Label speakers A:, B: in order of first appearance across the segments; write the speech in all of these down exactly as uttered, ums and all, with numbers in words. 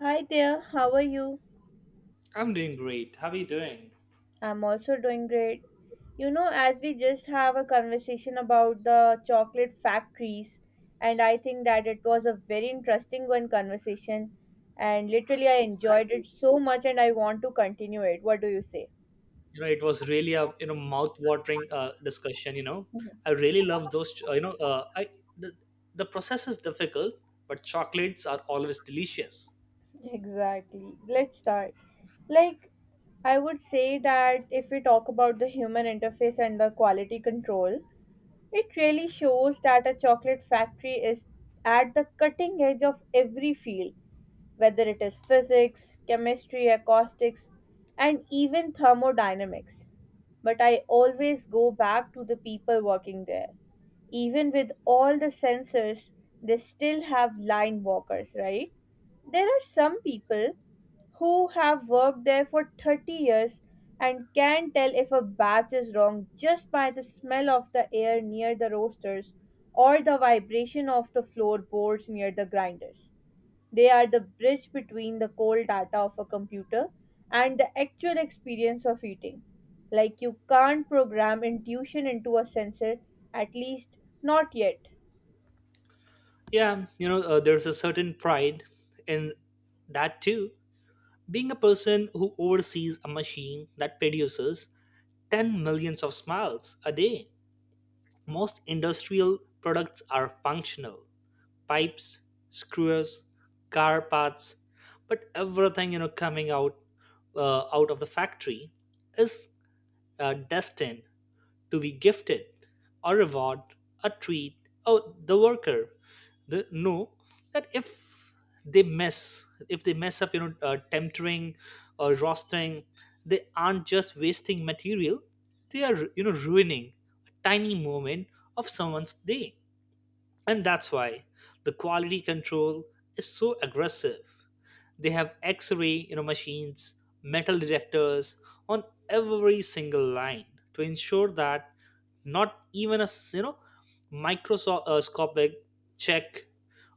A: Hi there, how are you?
B: I'm doing great. How are you doing?
A: I'm also doing great. You know, as we just have a conversation about the chocolate factories, and I think that it was a very interesting one conversation, and literally I enjoyed
B: Exactly.
A: it so much, and I want to continue it. What do you say?
B: You know, it was really a you know mouth-watering uh, discussion. You know,
A: Mhm.
B: I really love those. Uh, you know, uh, I the, the process is difficult, but chocolates are always delicious.
A: Exactly. Let's start. Like, I would say that if we talk about the human interface and the quality control, it really shows that a chocolate factory is at the cutting edge of every field whether it is physics, chemistry, acoustics, and even thermodynamics. But I always go back to the people working there. Even with all the sensors, they still have line walkers, right? There are some people who have worked there for thirty years and can tell if a batch is wrong just by the smell of the air near the roasters or the vibration of the floorboards near the grinders. They are the bridge between the cold data of a computer and the actual experience of eating. Like you can't program intuition into a sensor, at least not yet.
B: Yeah, you know, uh, there's a certain pride in that too. Being a person who oversees a machine that produces ten millions of smiles a day. Most industrial products are functional: pipes, screws, car parts, but everything you know coming out uh, out of the factory is uh, destined to be gifted, a reward, a treat. Oh, the worker the, know that if they mess, if they mess up, you know, uh, tempering or roasting, they aren't just wasting material; they are you know ruining a tiny moment of someone's day. And that's why the quality control is so aggressive. They have X-ray, you know, machines, metal detectors on every single line to ensure that not even a s- you know microscopic check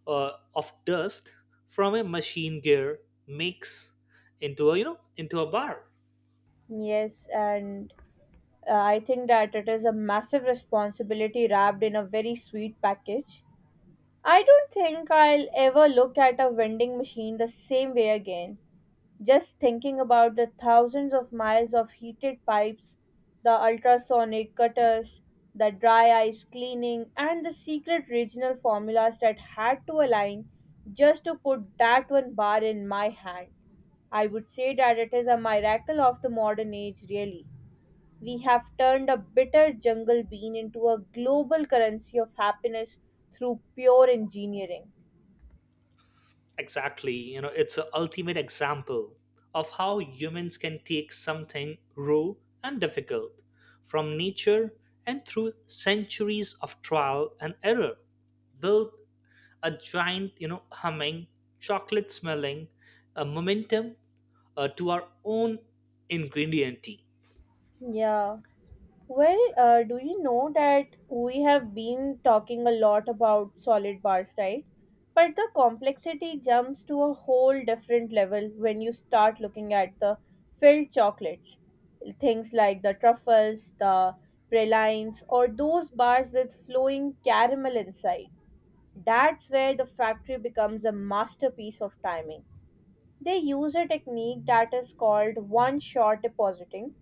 B: uh, of dust from a machine gear makes into a you know into a bar.
A: Yes, and uh, I think that it is a massive responsibility wrapped in a very sweet package. I don't think I'll ever look at a vending machine the same way again. Just thinking about the thousands of miles of heated pipes, the ultrasonic cutters, the dry ice cleaning, and the secret regional formulas that had to align just to put that one bar in my hand. I would say that it is a miracle of the modern age, really. We have turned a bitter jungle bean into a global currency of happiness through pure engineering.
B: Exactly. You know, it's an ultimate example of how humans can take something raw and difficult from nature, and through centuries of trial and error, build a giant, you know, humming, chocolate smelling uh, momentum uh, to our own ingredient tea.
A: Yeah. Well, uh, do you know that we have been talking a lot about solid bars, right? But the complexity jumps to a whole different level when you start looking at the filled chocolates. Things like the truffles, the pralines, or those bars with flowing caramel inside. That's where the factory becomes a masterpiece of timing. They use a technique that is called one shot depositing,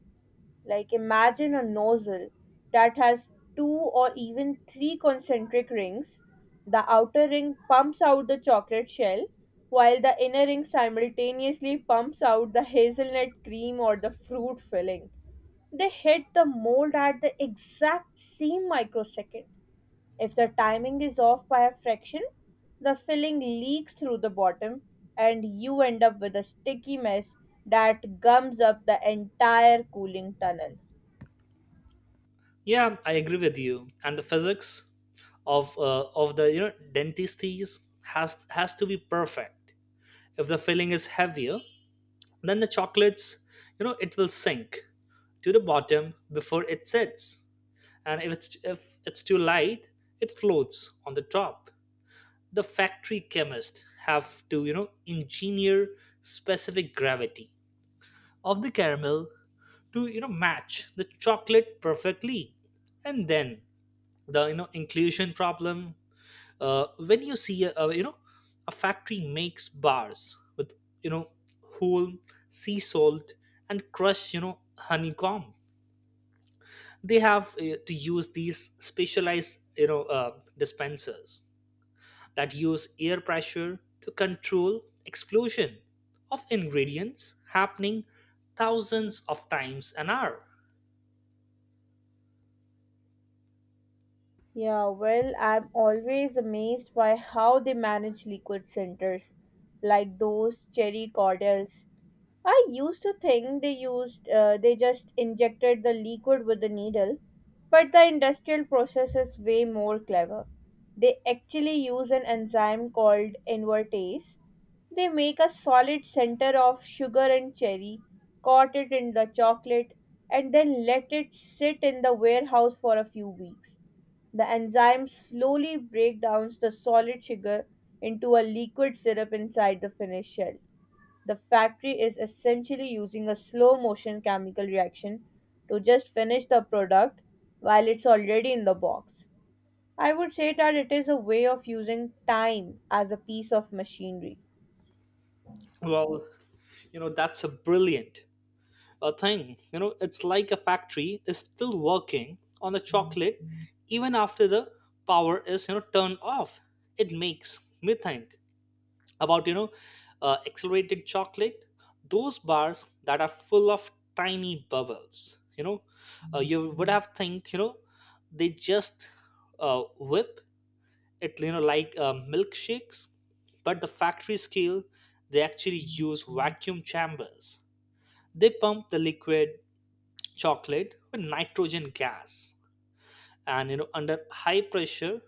A: like imagine a nozzle that has two or even three concentric rings. The outer ring pumps out the chocolate shell, while the inner ring simultaneously pumps out the hazelnut cream or the fruit filling. They hit the mold at the exact same microsecond. If the timing is off by a fraction, the filling leaks through the bottom and you end up with a sticky mess that gums up the entire cooling tunnel.
B: Yeah, I agree with you. And the physics of uh, of the you know dentistries has has to be perfect. If the filling is heavier, then the chocolates, you know, it will sink to the bottom before it sets. And if it's, if it's too light, it floats on the top. The factory chemists have to, you know, engineer specific gravity of the caramel to, you know, match the chocolate perfectly. And then the, you know, inclusion problem, uh, when you see a, a, you know, a factory makes bars with you know whole sea salt and crushed you know honeycomb, they have uh, to use these specialized you know uh, dispensers that use air pressure to control explosion of ingredients happening thousands of times an hour.
A: Yeah, well, I'm always amazed by how they manage liquid centers, like those cherry cordials. I used to think they used uh, they just injected the liquid with a needle, but the industrial process is way more clever. They actually use an enzyme called invertase. They make a solid center of sugar and cherry, coat it in the chocolate, and then let it sit in the warehouse for a few weeks. The enzyme slowly breaks down the solid sugar into a liquid syrup inside the finished shell. The factory is essentially using a slow motion chemical reaction to just finish the product while it's already in the box. I would say that it is a way of using time as a piece of machinery.
B: Well, you know that's a brilliant a thing. You know, it's like a factory is still working on the chocolate even after the power is you know turned off. It makes me think about you know uh, accelerated chocolate, those bars that are full of tiny bubbles. You know, uh, you would have think you know they just uh, whip it, you know like uh, milkshakes, but the factory scale, they actually use vacuum chambers. They pump the liquid chocolate with nitrogen gas and you know, under high pressure,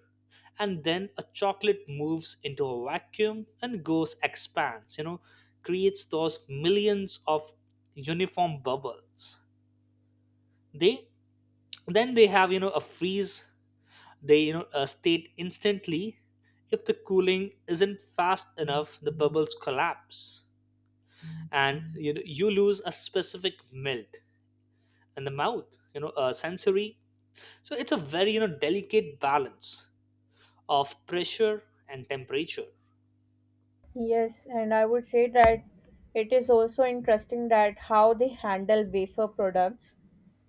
B: and then a chocolate moves into a vacuum and goes expands, you know, creates those millions of uniform bubbles. They then they have, you know, a freeze, they, you know, a state instantly. If the cooling isn't fast enough, the bubbles collapse and you know, you lose a specific melt in the mouth, you know, a sensory. So it's a very you know delicate balance of pressure and temperature.
A: Yes, and I would say that it is also interesting that how they handle wafer products.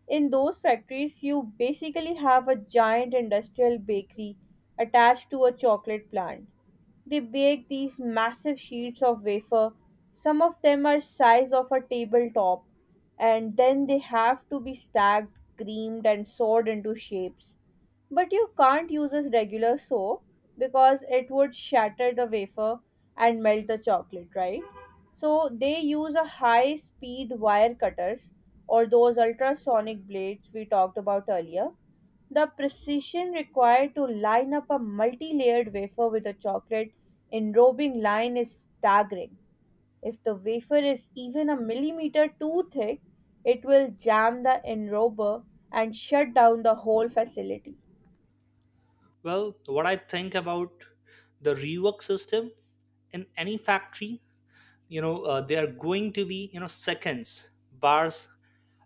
A: In those factories you basically have a giant industrial bakery attached to a chocolate plant. They bake these massive sheets of wafer, some of them are size of a tabletop, and then they have to be stacked, creamed and sawed into shapes. But you can't use as regular soap because it would shatter the wafer and melt the chocolate, right? So they use a high speed wire cutters or those ultrasonic blades we talked about earlier. The precision required to line up a multi layered wafer with a chocolate enrobing line is staggering. If the wafer is even a millimeter too thick, it will jam the enrober and shut down the whole facility.
B: Well, what I think about the rework system in any factory, you know, uh, there are going to be you know seconds bars,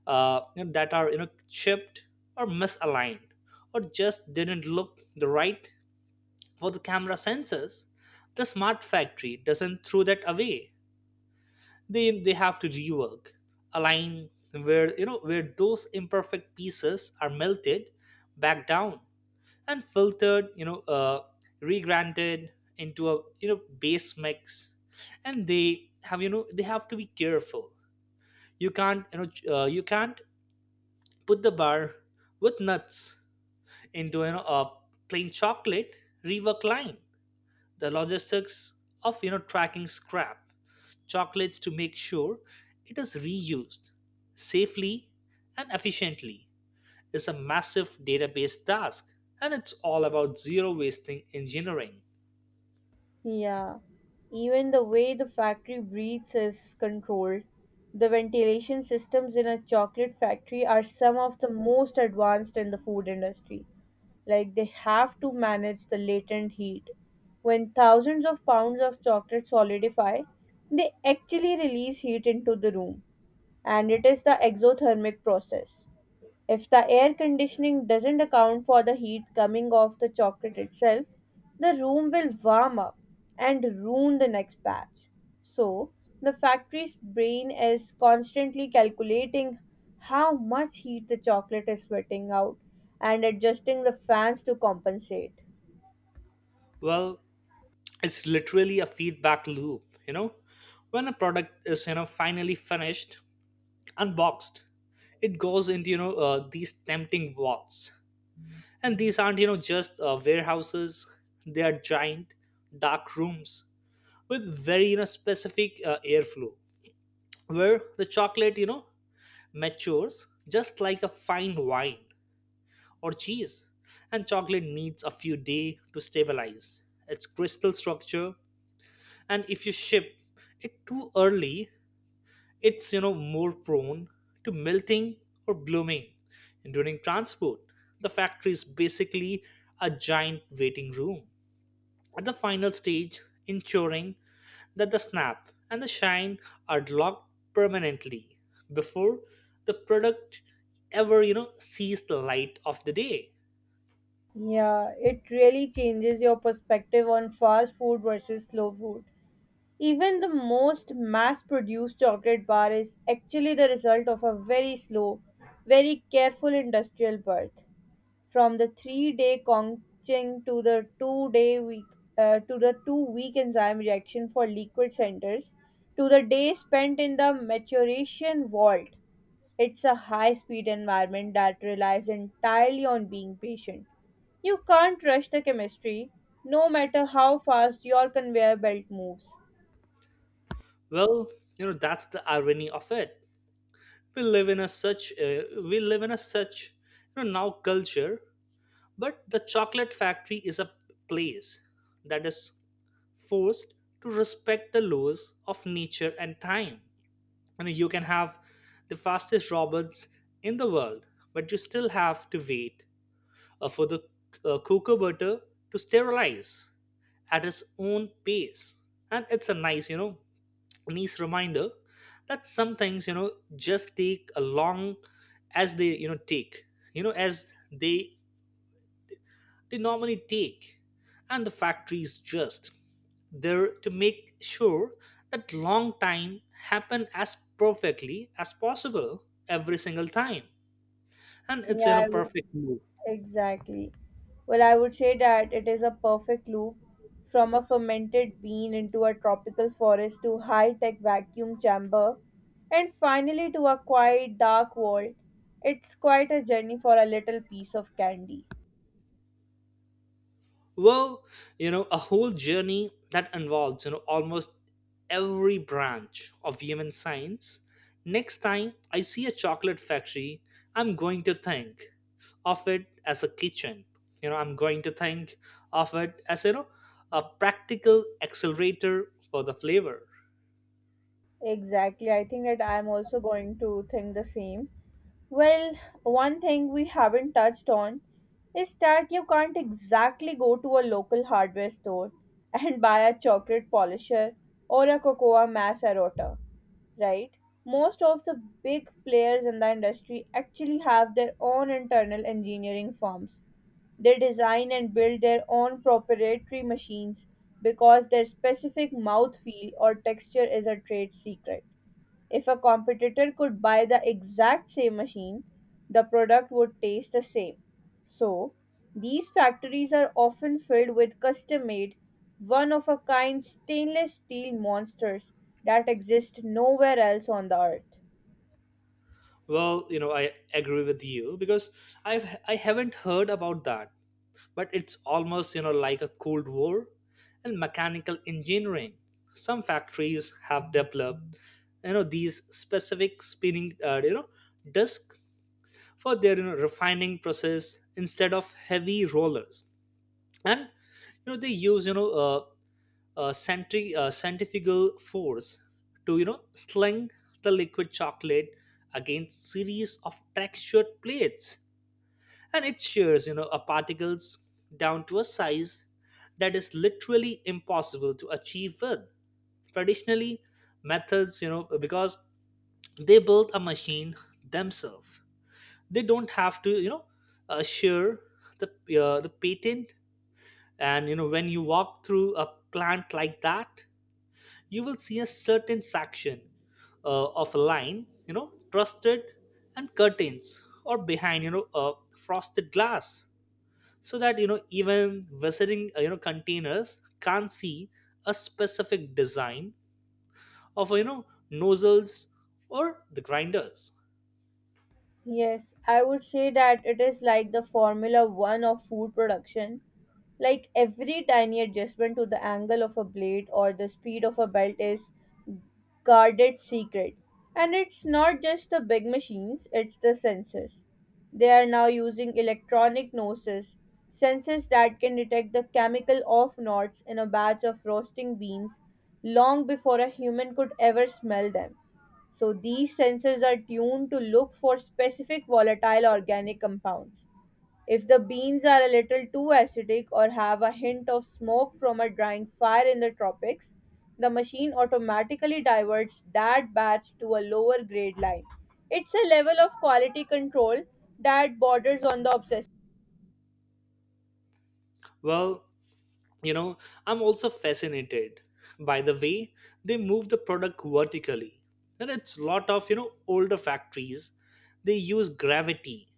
B: uh, you know, that are you know chipped or misaligned or just didn't look the right for the camera sensors. The smart factory doesn't throw that away. they they have to rework a line where you know, where those imperfect pieces are melted back down and filtered, you know uh regranted into a you know base mix. And they have, you know, they have to be careful. You can't, you know, ch- uh, you can't put the bar with nuts into, you know, a plain chocolate rework line. The logistics of, you know, tracking scrap chocolates to make sure it is reused safely and efficiently is a massive database task, and it's all about zero wasting engineering.
A: Yeah, even the way the factory breathes is controlled. The ventilation systems in a chocolate factory are some of the most advanced in the food industry. Like they have to manage the latent heat. When thousands of pounds of chocolate solidify, they actually release heat into the room, and it is the exothermic process. If the air conditioning doesn't account for the heat coming off the chocolate itself, the room will warm up and ruin the next batch. So, the factory's brain is constantly calculating how much heat the chocolate is sweating out and adjusting the fans to compensate.
B: Well, it's literally a feedback loop, you know. When a product is, you know, finally finished, unboxed, it goes into, you know, uh, these tempting vaults. And these aren't, you know, just uh, warehouses. They are giant dark rooms with very, you know, specific uh, airflow, where the chocolate, you know, matures just like a fine wine or cheese. And chocolate needs a few days to stabilize its crystal structure, and if you ship it too early, it's, you know, more prone to melting or blooming during transport. The factory is basically a giant waiting room at the final stage, ensuring that the snap and the shine are locked permanently before the product ever, you know sees the light of the day.
A: Yeah, it really changes your perspective on fast food versus slow food. Even the most mass produced chocolate bar is actually the result of a very slow, very careful industrial birth. From the three day conching to the two day week uh, to the two week enzyme reaction for liquid centers to the day spent in the maturation vault. It's a high speed environment that relies entirely on being patient. You can't rush the chemistry, no matter how fast your conveyor belt moves.
B: Well, you know that's the irony of it. We live in a such uh, we live in a such, you know, now culture, but the chocolate factory is a place that is forced to respect the laws of nature and time. You know, you can have the fastest robots in the world, but you still have to wait uh, for the uh, cocoa butter to sterilize at its own pace. And it's a nice, you know, nice reminder that some things, you know, just take a long as they, you know, take, you know, as they they normally take. And the factories just there to make sure that long time happen as perfectly as possible every single time. And it's in a
A: Yeah, I would,
B: perfect mood.
A: exactly. Well, I would say that it is a perfect loop from a fermented bean into a tropical forest to high-tech vacuum chamber and finally to a quiet dark vault. It's quite a journey for a little piece of candy.
B: Well, you know a whole journey that involves, you know, almost every branch of human science. Next time I see a chocolate factory, I'm going to think of it as a kitchen. You know, I'm going to think of it as, you know, a practical accelerator for the flavor.
A: Exactly. I think that I'm also going to think the same. Well, one thing we haven't touched on is that you can't exactly go to a local hardware store and buy a chocolate polisher or a cocoa macerota, right? Most of the big players in the industry actually have their own internal engineering firms. They design and build their own proprietary machines because their specific mouthfeel or texture is a trade secret. If a competitor could buy the exact same machine, the product would taste the same. So, these factories are often filled with custom made, one of a kind stainless steel monsters that exist nowhere else on the earth.
B: Well, you know I agree with you, because i've I haven't heard about that, but it's almost, you know, like a cold war and mechanical engineering. Some factories have developed, you know, these specific spinning uh, you know disk for their, you know, refining process instead of heavy rollers. And, you know, they use, you know, uh, uh, centri- uh, centrifugal force to, you know, sling the liquid chocolate against series of textured plates, and it shears, you know, a particles down to a size that is literally impossible to achieve with traditionally methods. You know, because they build a machine themselves, they don't have to, you know, uh, shear the uh, the patent. And you know, when you walk through a plant like that, you will see a certain section uh, of a line, you know, trusted and curtains, or behind, you know, uh, frosted glass, so that, you know, even visiting uh, you know containers can see a specific design of, you know, nozzles or the grinders.
A: Yes, I would say that it is like the Formula One of food production. Like every tiny adjustment to the angle of a blade or the speed of a belt is guarded secret. And it's not just the big machines, it's the sensors. They are now using electronic noses, sensors that can detect the chemical off notes in a batch of roasting beans long before a human could ever smell them. So these sensors are tuned to look for specific volatile organic compounds. If the beans are a little too acidic or have a hint of smoke from a drying fire in the tropics, the machine automatically diverts that batch to a lower grade line. It's a level of quality control that borders on the obsessive.
B: Well, you know I'm also fascinated by the way they move the product vertically. And it's lot of, you know, older factories, they use gravity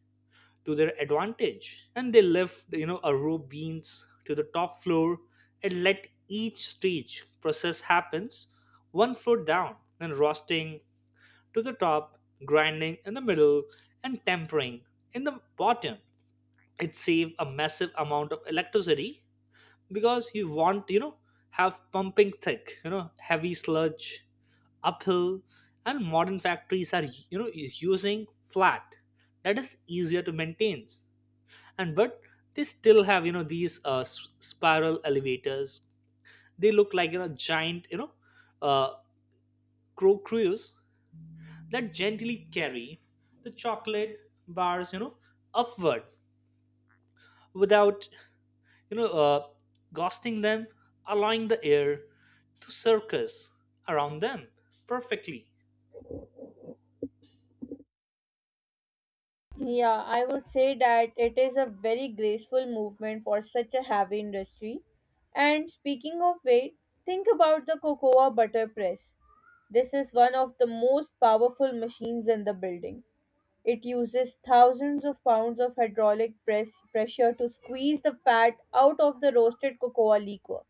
B: to their advantage, and they left, you know, a row beans to the top floor, and let each stage process happens one floor down: and roasting to the top, grinding in the middle, and tempering in the bottom. It saves a massive amount of electricity, because you want, you know, have pumping thick, you know, heavy sludge uphill. And modern factories are, you know, using flat that is easier to maintain. And but they still have, you know, these uh, s- spiral elevators. They look like, you know, giant, you know, uh, crow crews that gently carry the chocolate bars, you know, upward without, you know, uh, ghosting them, allowing the air to circus around them perfectly.
A: Yeah, I would say that it is a very graceful movement for such a heavy industry. And speaking of weight, think about the cocoa butter press. This is one of the most powerful machines in the building. It uses thousands of pounds of hydraulic press pressure to squeeze the fat out of the roasted cocoa liquor.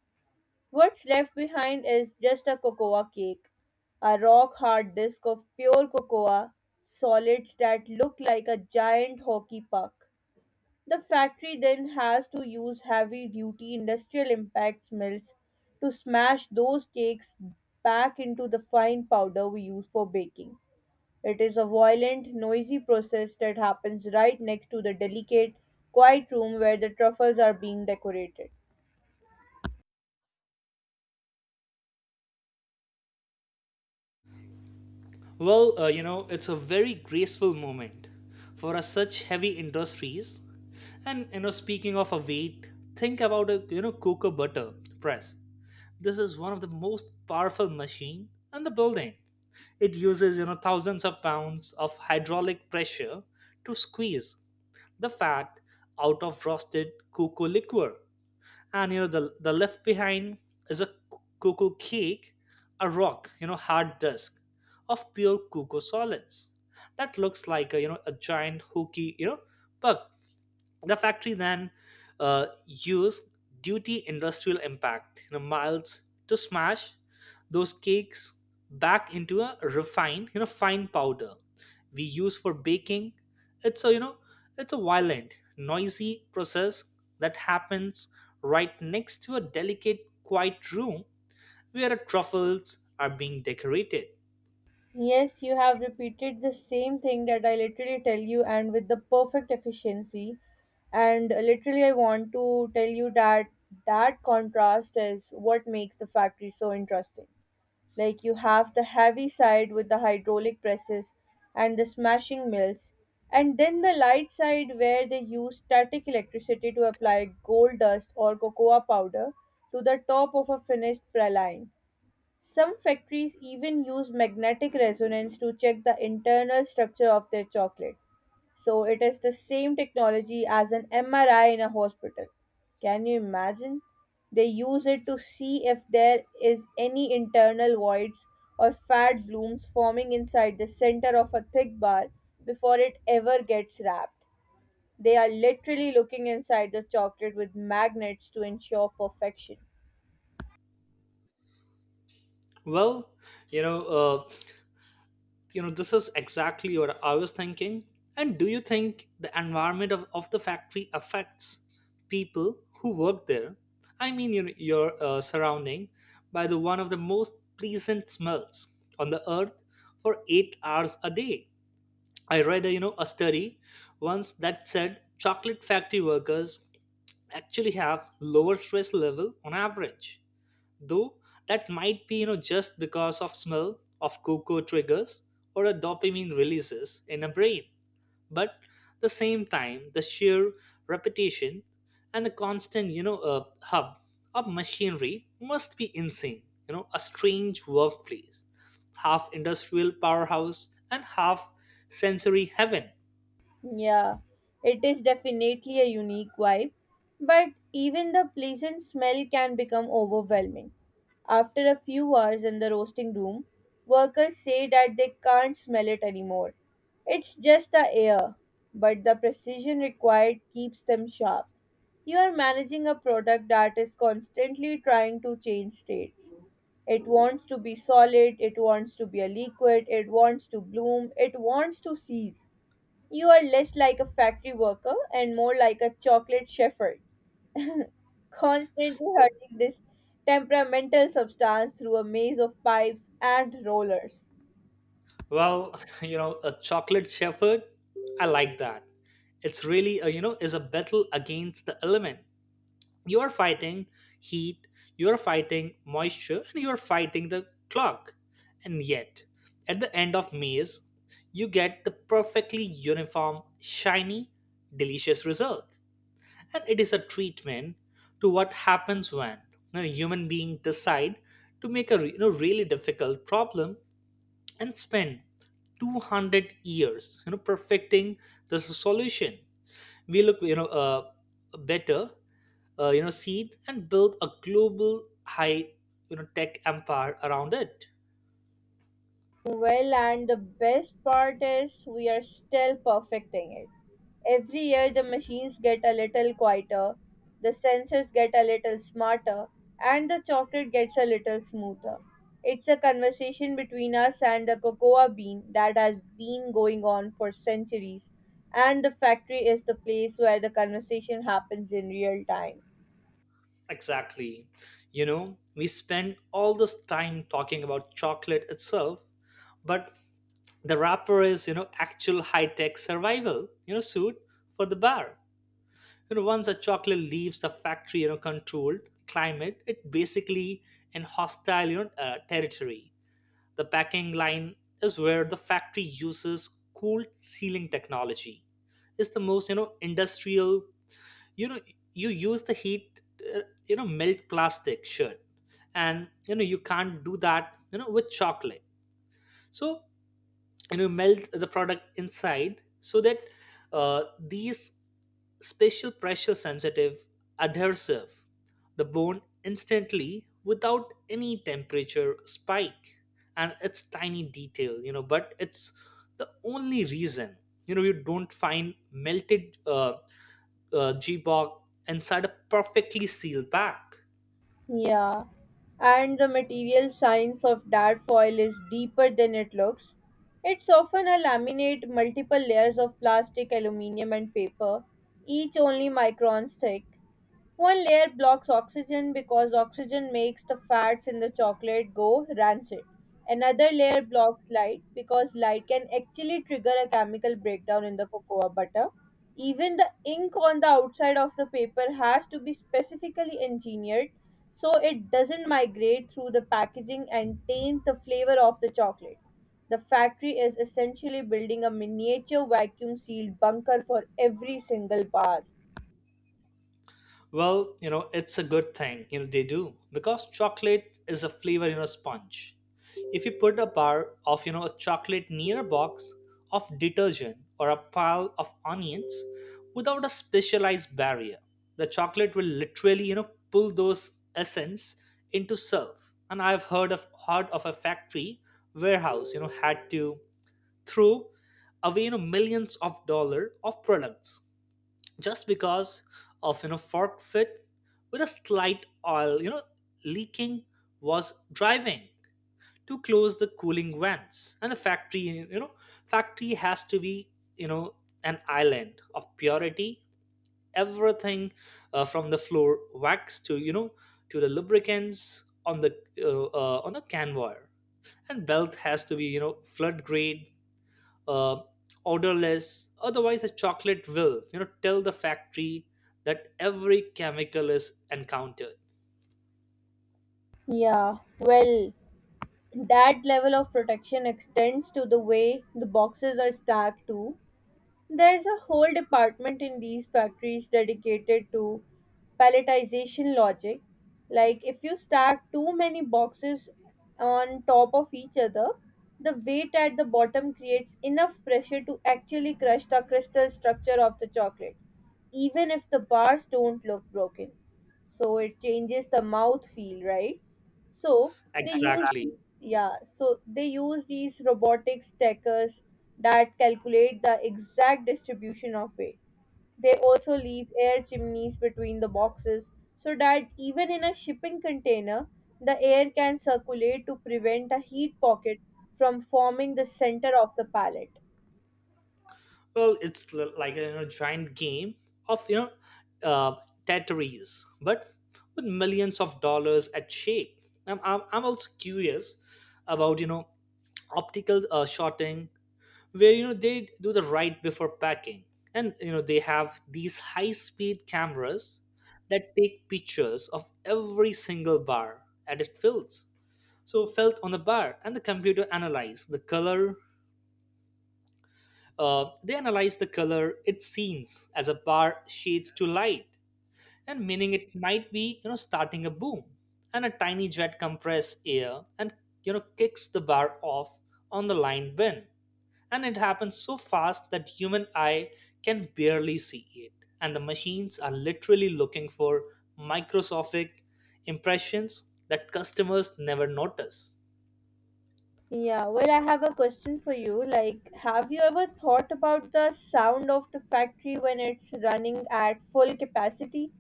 A: What's left behind is just a cocoa cake, a rock hard disk of pure cocoa, solids that look like a giant hockey puck. The factory then has to use heavy duty industrial impact mills to smash those cakes back into the fine powder we use for baking. It is a violent, noisy process that happens right next to the delicate, quiet room where the truffles are being decorated.
B: Well, uh, you know, it's a very graceful moment for us such heavy industries. And, you know, speaking of a weight, think about a, you know, cocoa butter press. This is one of the most powerful machine in the building. It uses, you know, thousands of pounds of hydraulic pressure to squeeze the fat out of roasted cocoa liquor. And you know, the the left behind is a cocoa cake, a rock, you know, hard disk of pure cocoa solids that looks like a, you know, a giant hooky, you know, bug. The factory then uh, used duty industrial impact, you know, miles to smash those cakes back into a refined, you know, fine powder we use for baking. It's a, you know, it's a violent, noisy process that happens right next to a delicate, quiet room where the truffles are being decorated.
A: Yes, you have repeated the same thing that I literally tell you, and with the perfect efficiency. And literally, I want to tell you that that contrast is what makes the factory so interesting. Like you have the heavy side with the hydraulic presses and the smashing mills, and then the light side where they use static electricity to apply gold dust or cocoa powder to the top of a finished praline. Some factories even use magnetic resonance to check the internal structure of their chocolate. So it is the same technology as an M R I in a hospital. Can you imagine? They use it to see if there is any internal voids or fat blooms forming inside the center of a thick bar before it ever gets wrapped. They are literally looking inside the chocolate with magnets to ensure perfection.
B: Well, you know, uh, you know this is exactly what i was thinking. And do you think the environment of, of the factory affects people who work there? I mean, you know, you're uh, surrounding by the one of the most pleasant smells on the earth for eight hours a day. I read a, you know a study once that said chocolate factory workers actually have lower stress level on average, though that might be you know just because of smell of cocoa triggers or a dopamine releases in a brain. But the same time, the sheer repetition and the constant you know uh, hub of machinery must be insane. You know, a strange workplace, half industrial powerhouse and half sensory heaven.
A: Yeah, it is definitely a unique vibe, but even the pleasant smell can become overwhelming. After a few hours in the roasting room, workers say that they can't smell it anymore. It's just the air, but the precision required keeps them sharp. You are managing a product that is constantly trying to change states. It wants to be solid, it wants to be a liquid, it wants to bloom, it wants to cease. You are less like a factory worker and more like a chocolate shepherd, constantly hurting this temperamental substance through a maze of pipes and rollers.
B: Well, you know, a chocolate shepherd, I like that. It's really a, you know, is a battle against the element. You're fighting heat, you're fighting moisture, and you're fighting the clock. And yet at the end of meals, you get the perfectly uniform, shiny, delicious result. And it is a treatment to what happens when a human being decide to make a re- you know, really difficult problem and spend two hundred years you know perfecting the solution. We look you know uh, better, uh, you know seed and build a global high you know tech empire around it.
A: Well, and the best part is we are still perfecting it. Every year the machines get a little quieter, the sensors get a little smarter, and the chocolate gets a little smoother. It's a conversation between us and the cocoa bean that has been going on for centuries, and the factory is the place where the conversation happens in real time.
B: Exactly. You know we spend all this time talking about chocolate itself, but the wrapper is you know actual high tech survival you know suit for the bar. You know once a chocolate leaves the factory, you know controlled climate, it basically in hostile you know uh, territory. The packing line is where the factory uses cold sealing technology. It's the most you know industrial. You know, you use the heat. Uh, you know melt plastic shirt, and you know you can't do that You know with chocolate. So and you melt the product inside so that uh, these special pressure sensitive adhesive the bone instantly without any temperature spike. And it's tiny detail, you know but it's the only reason you know you don't find melted uh, uh, g-bog inside a perfectly sealed pack.
A: Yeah, and the material science of dart foil is deeper than it looks. It's often a laminate, multiple layers of plastic, aluminium, and paper, each only microns thick. One layer blocks oxygen because oxygen makes the fats in the chocolate go rancid. Another layer blocks light because light can actually trigger a chemical breakdown in the cocoa butter. Even the ink on the outside of the paper has to be specifically engineered so it doesn't migrate through the packaging and taint the flavor of the chocolate. The factory is essentially building a miniature vacuum sealed bunker for every single bar.
B: Well, you know, it's a good thing, you know, they do. Because chocolate is a flavor, you know, sponge. If you put a bar of, you know, a chocolate near a box of detergent or a pile of onions without a specialized barrier, the chocolate will literally, you know, pull those essence into self. And I've heard of heard of a factory warehouse, you know, had to throw away, you know, millions of dollar of products just because of you know fork fit with a slight oil, you know leaking, was driving to close the cooling vents. And the factory you know factory has to be, you know an island of purity. Everything, uh, from the floor wax to, you know to the lubricants on the uh, uh, on the canvar and belt has to be you know flood grade, uh, odorless. Otherwise, the chocolate will, you know, tell the factory that every chemical is encountered.
A: Yeah, well, that level of protection extends to the way the boxes are stacked too. There's a whole department in these factories dedicated to palletization logic. Like if you stack too many boxes on top of each other, the weight at the bottom creates enough pressure to actually crush the crystal structure of the chocolate, even if the bars don't look broken. So it changes the mouth feel, right? So they use
B: Exactly.
A: yeah, so they use these robotics stackers that calculate the exact distribution of weight. They also leave air chimneys between the boxes so that even in a shipping container, the air can circulate to prevent a heat pocket from forming the center of the pallet.
B: Well, it's l- like a, you know, giant game of you know uh, Tetris, but with millions of dollars at stake. I'm, I'm, I'm also curious about, you know optical uh, shorting, where you know they do the right before packing. And you know they have these high speed cameras that take pictures of every single bar, and it fills so felt on the bar, and the computer analyze the color. Uh, they analyze the color it seems as a bar shades to light, and meaning it might be, you know starting a boom. And a tiny jet compress air and you know kicks the bar off on the line bin. And it happens so fast that human eye can barely see it. And the machines are literally looking for microscopic impressions that customers never notice.
A: Yeah, well, I have a question for you. Like, have you ever thought about the sound of the factory when it's running at full capacity?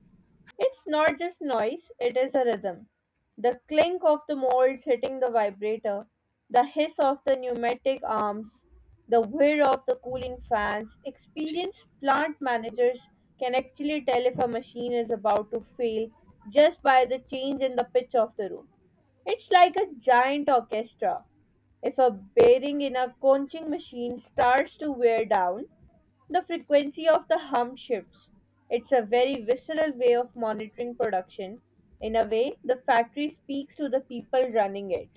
A: It's not just noise, it is a rhythm. The clink of the molds hitting the vibrator, the hiss of the pneumatic arms, the whir of the cooling fans. Experienced plant managers can actually tell if a machine is about to fail just by the change in the pitch of the room. It's like a giant orchestra. If a bearing in a conching machine starts to wear down, the frequency of the hum shifts. It's a very visceral way of monitoring production. In a way, the factory speaks to the people running it.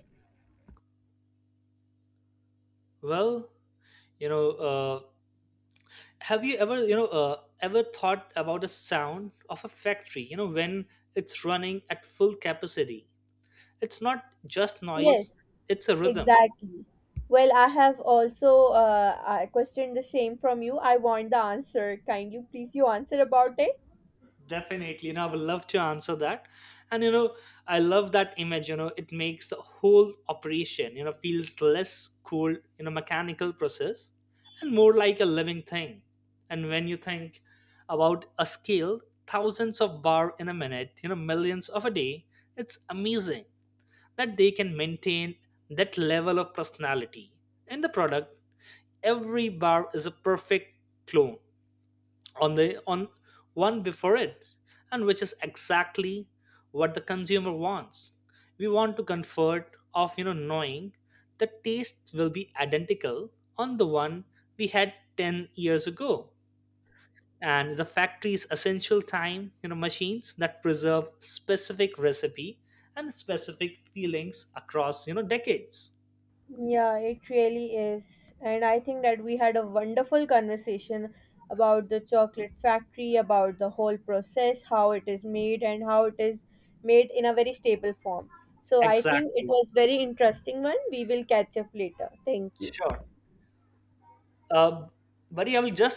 B: Well, you know uh, have you ever, you know uh, ever thought about the sound of a factory, you know when it's running at full capacity? It's not just noise,
A: Yes,
B: it's a rhythm.
A: exactly. Well, I have also uh, I questioned the same from you. I want the answer. Kindly, please, you answer about it.
B: Definitely, and I would love to answer that. And you know, I love that image. You know, it makes the whole operation, you know feels less cold, you know, mechanical process, and more like a living thing. And when you think about a scale, thousands of bar in a minute, you know, millions of a day, it's amazing that they can maintain that level of personality in the product. Every bar is a perfect clone on the on one before it, and which is exactly what the consumer wants. We want to comfort of, you know knowing the taste will be identical on the one we had ten years ago. And the factory's essential time, you know machines that preserve specific recipe and specific feelings across, you know decades.
A: Yeah, it really is. And I think that we had a wonderful conversation about the chocolate factory, about the whole process, how it is made, and how it is made in a very stable form. So I think it
B: Exactly.
A: was very interesting one. We will catch up later. Thank you.
B: Sure. uh, Buddy, i will just